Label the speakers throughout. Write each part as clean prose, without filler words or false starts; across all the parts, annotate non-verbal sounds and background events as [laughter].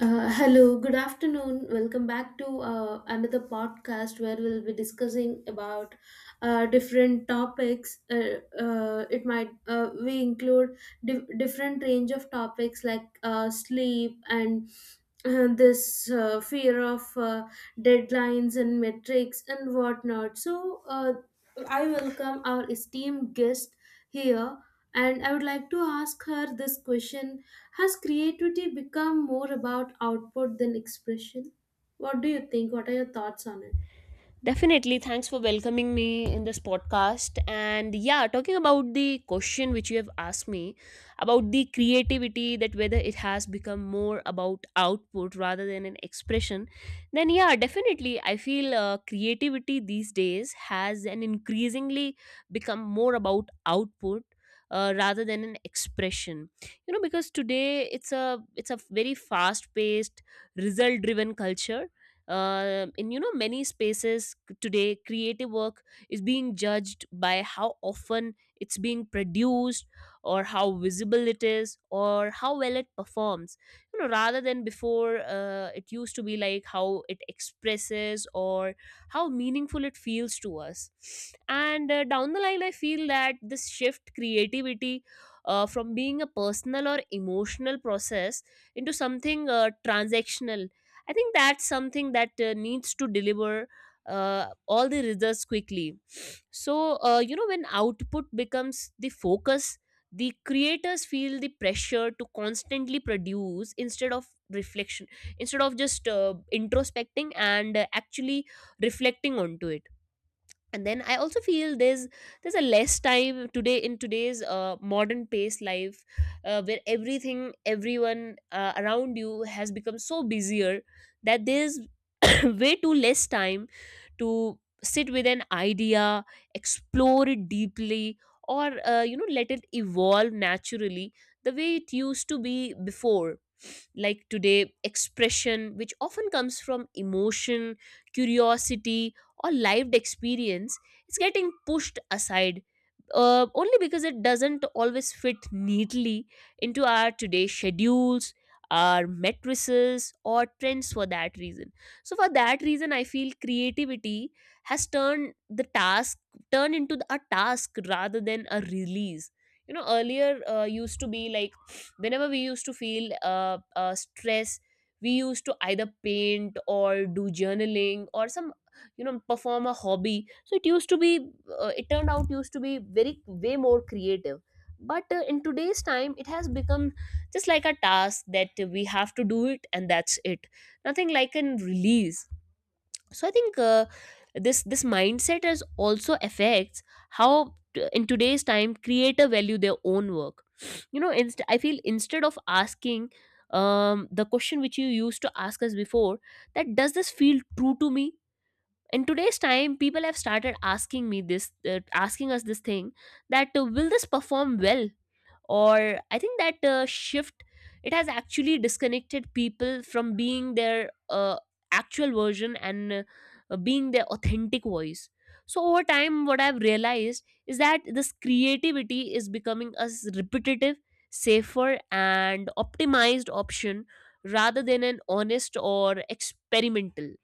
Speaker 1: Hello, good afternoon. Welcome back to another podcast where we'll be discussing about different topics. It might We include different range of topics like sleep and this fear of deadlines and metrics and whatnot. So I welcome our esteemed guest here, and I would like to ask her this question. Has creativity become more about output than expression? What do you think? What are your thoughts on it?
Speaker 2: Definitely. Thanks for welcoming me in this podcast. And yeah, talking about the question which you have asked me about the creativity, that whether it has become more about output rather than an expression, then yeah, definitely. I feel creativity these days has an increasingly become more about output. Rather than an expression, you know, because today it's a very fast paced, result driven culture, in, you know, many spaces. Today creative work is being judged by how often it's being produced, or how visible it is, or how well it performs, you know, rather than before. It used to be like how it expresses or how meaningful it feels to us. And down the line I feel that this shift creativity from being a personal or emotional process into something transactional. I think that's something that needs to deliver all the results quickly. So, you know, when output becomes the focus, the creators feel the pressure to constantly produce instead of reflection, instead of just introspecting and actually reflecting onto it. And then I also feel there's a less time today, in today's modern paced life, where everything everyone around you has become so busier, that there's [clears throat] way too less time to sit with an idea, explore it deeply, or, you know, let it evolve naturally the way it used to be before. Like today expression, which often comes from emotion, curiosity, or lived experience, is getting pushed aside, only because it doesn't always fit neatly into our today's schedules, our matrices, or trends. For that reason, so for that reason I feel creativity has turned into a task rather than a release. You know, earlier used to be like whenever we used to feel stress, we used to either paint or do journaling or some, you know, perform a hobby. So it used to be it turned out used to be very way more creative. But in today's time it has become just like a task that we have to do it, and that's it. Nothing like an release. So I think this mindset is also affects how in today's time creator value their own work. [sniffs] You know, I feel instead of asking, the question which you used to ask us before, that does this feel true to me, in today's time people have started asking me this, asking us this thing, that will this perform well. Or I think that shift, it has actually disconnected people from being their, actual version, and being their authentic voice. So over time what I've realized is that this creativity is becoming a repetitive, safer, and optimized option, rather than an honest or experimental.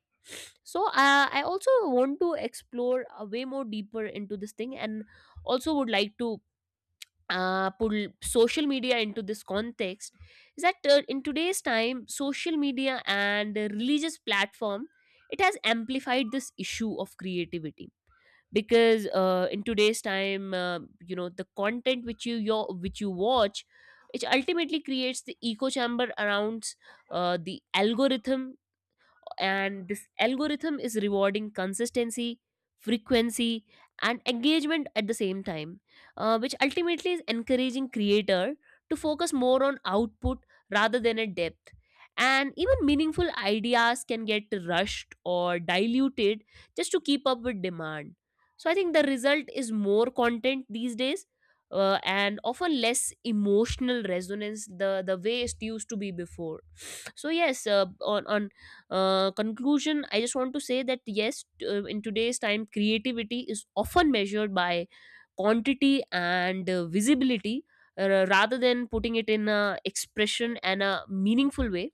Speaker 2: So I also want to explore a way more deeper into this thing, and also would like to put social media into this context. Is that in today's time social media and religious platform, it has amplified this issue of creativity, because in today's time, you know, the content which you your which you watch, it ultimately creates the echo chamber around the algorithm. And this algorithm is rewarding consistency, frequency, and engagement at the same time, which ultimately is encouraging creator to focus more on output rather than a depth. And even meaningful ideas can get rushed or diluted, just to keep up with demand. So I think the result is more content these days, and often less emotional resonance, the way it used to be before. So yes, on conclusion, I just want to say that yes, in today's time creativity is often measured by quantity and visibility, rather than putting it in a expression and a meaningful way.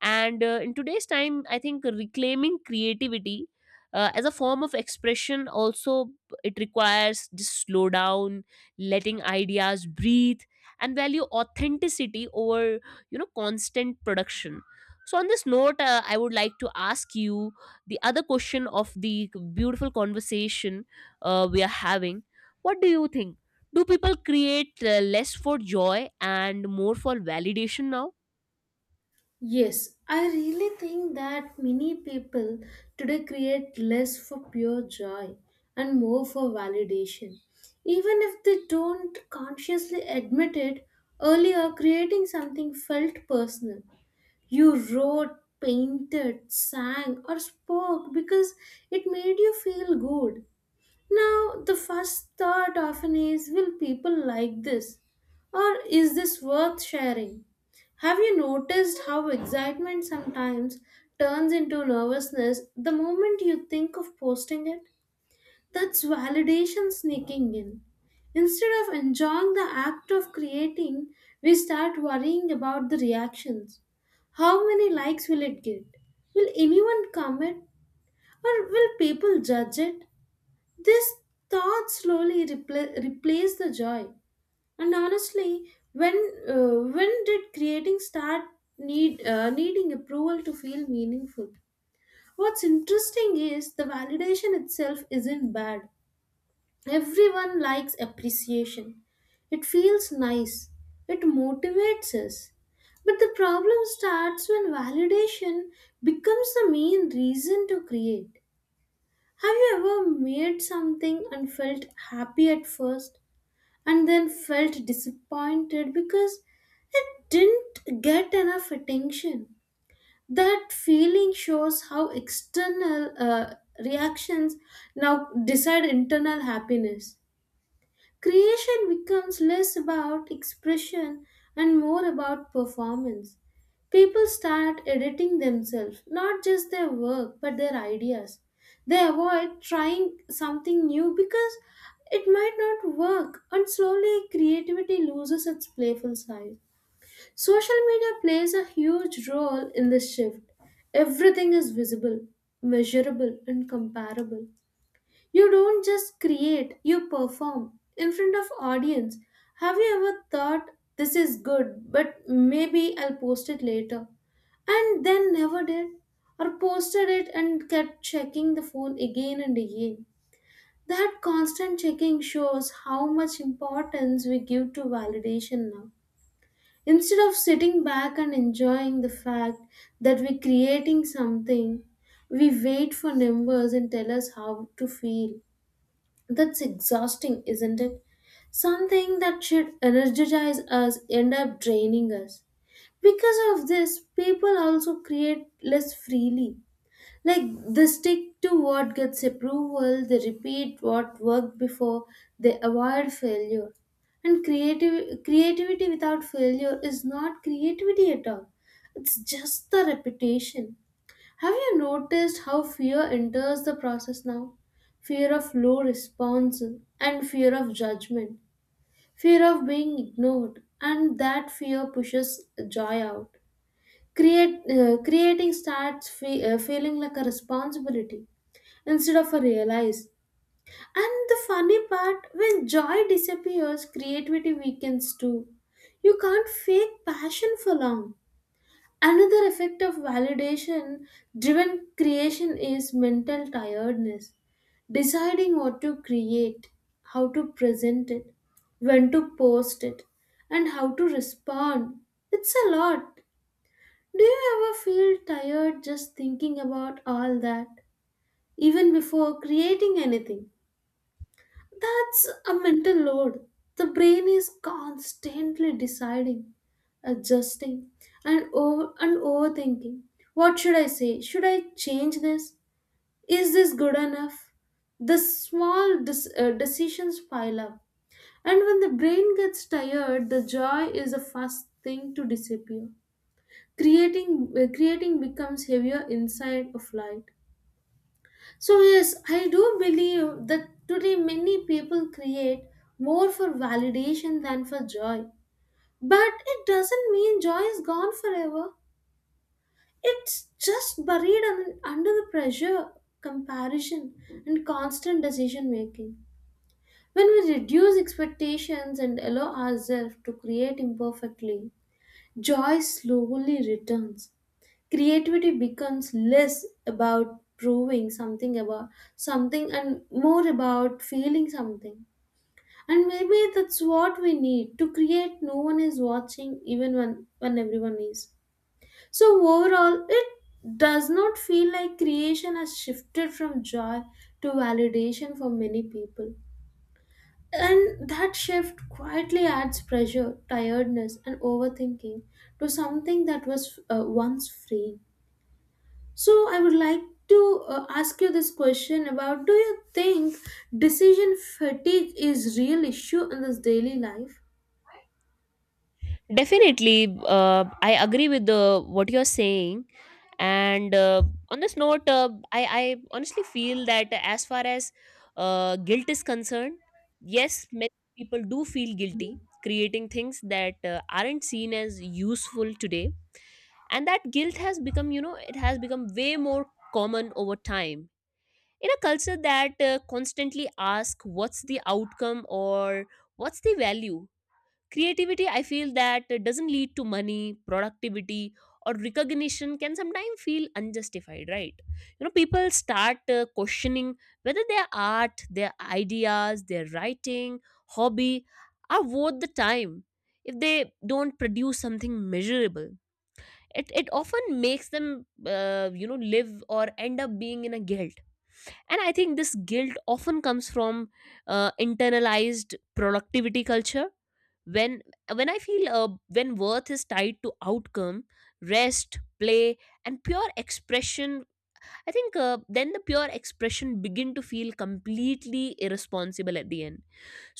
Speaker 2: And in today's time I think reclaiming creativity as a form of expression also, it requires just slow down, letting ideas breathe, and value authenticity over, you know, constant production. So on this note, I would like to ask you the other question of the beautiful conversation we are having. What do you think? Do people create less for joy and more for validation now?
Speaker 1: Yes, I really think that many people today create less for pure joy and more for validation. Even if they don't consciously admit it, earlier creating something felt personal. You wrote, painted, sang, or spoke because it made you feel good. Now, the first thought often is, will people like this? Or is this worth sharing? Have you noticed how excitement sometimes turns into nervousness the moment you think of posting it? That's validation sneaking in. Instead of enjoying the act of creating, we start worrying about the reactions. How many likes will it get? Will anyone comment? Or will people judge it? This thought slowly replace the joy. And honestly, when did creating start needing approval to feel meaningful? What's interesting is the validation itself isn't bad. Everyone likes appreciation. It feels nice. It motivates us. But the problem starts when validation becomes the main reason to create. Have you ever made something and felt happy at first and then felt disappointed because it didn't get enough attention? That feeling shows how external reactions now decide internal happiness. Creation becomes less about expression and more about performance. People start editing themselves, not just their work, but their ideas. They avoid trying something new because it might not work, and slowly creativity loses its playful side. Social media plays a huge role in this shift. Everything is visible, measurable, and comparable. You don't just create, you perform in front of audience. Have you ever thought, this is good, but maybe I'll post it later? And then never did, or posted it and kept checking the phone again and again. That constant checking shows how much importance we give to validation now. Instead of sitting back and enjoying the fact that we're creating something, we wait for numbers and tell us how to feel. That's exhausting, isn't it? Something that should energize us end up draining us. Because of this, people also create less freely. Like they stick to what gets approval, they repeat what worked before, they avoid failure. And creative creativity without failure is not creativity at all. It's just the repetition. Have you noticed how fear enters the process now? Fear of low response and fear of judgment, fear of being ignored, and that fear pushes joy out. Creating starts feeling like a responsibility instead of a realize. And the funny part, when joy disappears, creativity weakens too. You can't fake passion for long. Another effect of validation driven creation is mental tiredness. Deciding what to create, how to present it, when to post it, and how to respond. It's a lot. Do you ever feel tired just thinking about all that, even before creating anything? That's a mental load. The brain is constantly deciding, adjusting, and over and overthinking. What should I say? Should I change this? Is this good enough? The small decisions pile up, and when the brain gets tired, the joy is the first thing to disappear. Creating becomes heavier inside of light. So, yes, I do believe that today many people create more for validation than for joy. But it doesn't mean joy is gone forever. It's just buried under the pressure, comparison, and constant decision making. When we reduce expectations and allow ourselves to create imperfectly, joy slowly returns. Creativity becomes less about proving something about something and more about feeling something. And maybe that's what we need, to create no one is watching even when everyone is. So overall, it does not feel like creation has shifted from joy to validation for many people, and that shift quietly adds pressure, tiredness, and overthinking to something that was once free. So I would like to ask you this question about, do you think decision fatigue is real issue in this daily life?
Speaker 2: Definitely, I agree with the what you're saying. And on this note, I honestly feel that as far as guilt is concerned, yes, many people do feel
Speaker 1: Mm.
Speaker 2: guilty creating things that aren't seen as useful today. And that guilt has become, you know, it has become way more common over time. In a culture that constantly asks what's the outcome or what's the value, creativity I feel that doesn't lead to money, productivity, or recognition, can sometimes feel unjustified, right? You know, people start questioning whether their art, their ideas, their writing, hobby, are worth the time. If they don't produce something measurable, it often makes them, you know, live or end up being in a guilt. And I think this guilt often comes from internalized productivity culture. When when I feel when worth is tied to outcome, rest, play, and pure expression, I think then the pure expression begin to feel completely irresponsible at the end.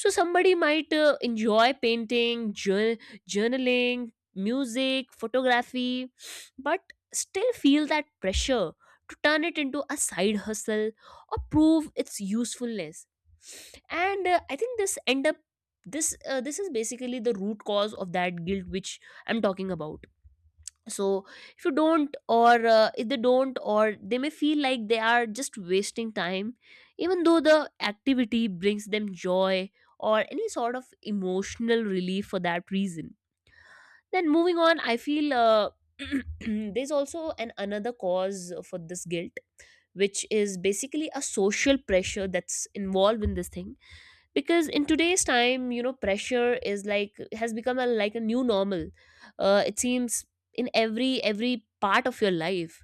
Speaker 2: So somebody might enjoy painting, journaling, music, photography, but still feel that pressure to turn it into a side hustle or prove its usefulness. And I think this end up, this is basically the root cause of that guilt which I'm talking about. So if you don't, or if they don't, or they may feel like they are just wasting time, even though the activity brings them joy or any sort of emotional relief. For that reason, then moving on, I feel [clears throat] there's also an another cause for this guilt, which is basically a social pressure that's involved in this thing. Because in today's time, you know, pressure is like has become a like a new normal, it seems, in every part of your life.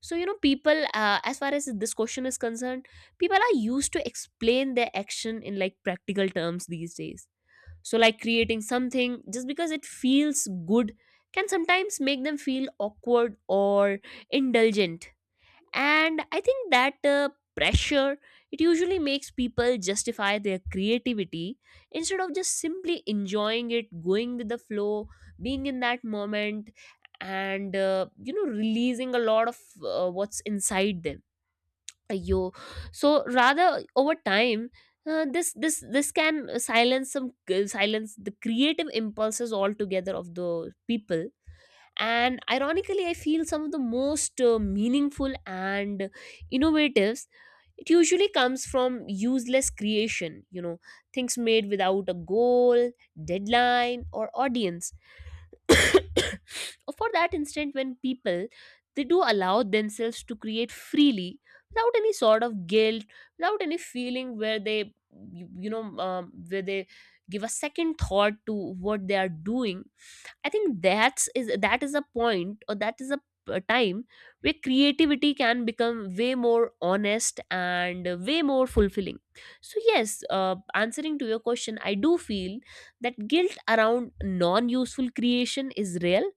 Speaker 2: So you know, people, as far as this question is concerned, people are used to explain their action in like practical terms these days. So like creating something just because it feels good can sometimes make them feel awkward or indulgent. And I think that pressure, it usually makes people justify their creativity instead of just simply enjoying it, going with the flow, being in that moment, and you know, releasing a lot of what's inside them. Yo, so rather over time this can silence the creative impulses altogether of the people. And ironically I feel some of the most meaningful and innovatives, it usually comes from useless creation, you know, things made without a goal, deadline, or audience. [coughs] For that instant, when people, they do allow themselves to create freely, without any sort of guilt, without any feeling where they, where they give a second thought to what they are doing, I think that is a point, or that is a time where creativity can become way more honest and way more fulfilling. So yes, answering to your question, I do feel that guilt around non useful creation is real,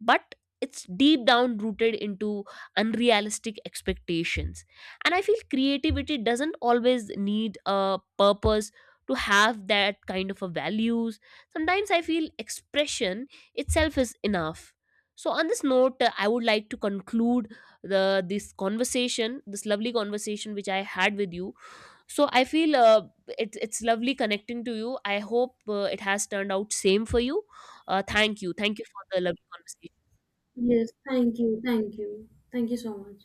Speaker 2: but it's deep down rooted into unrealistic expectations. And I feel creativity doesn't always need a purpose to have that kind of a values. Sometimes I feel expression itself is enough. So on this note, I would like to conclude the this conversation, this lovely conversation which I had with you. So I feel it's lovely connecting to you. I hope it has turned out same for you. Thank you for the lovely conversation.
Speaker 1: Yes, thank you. Thank you. Thank you so much.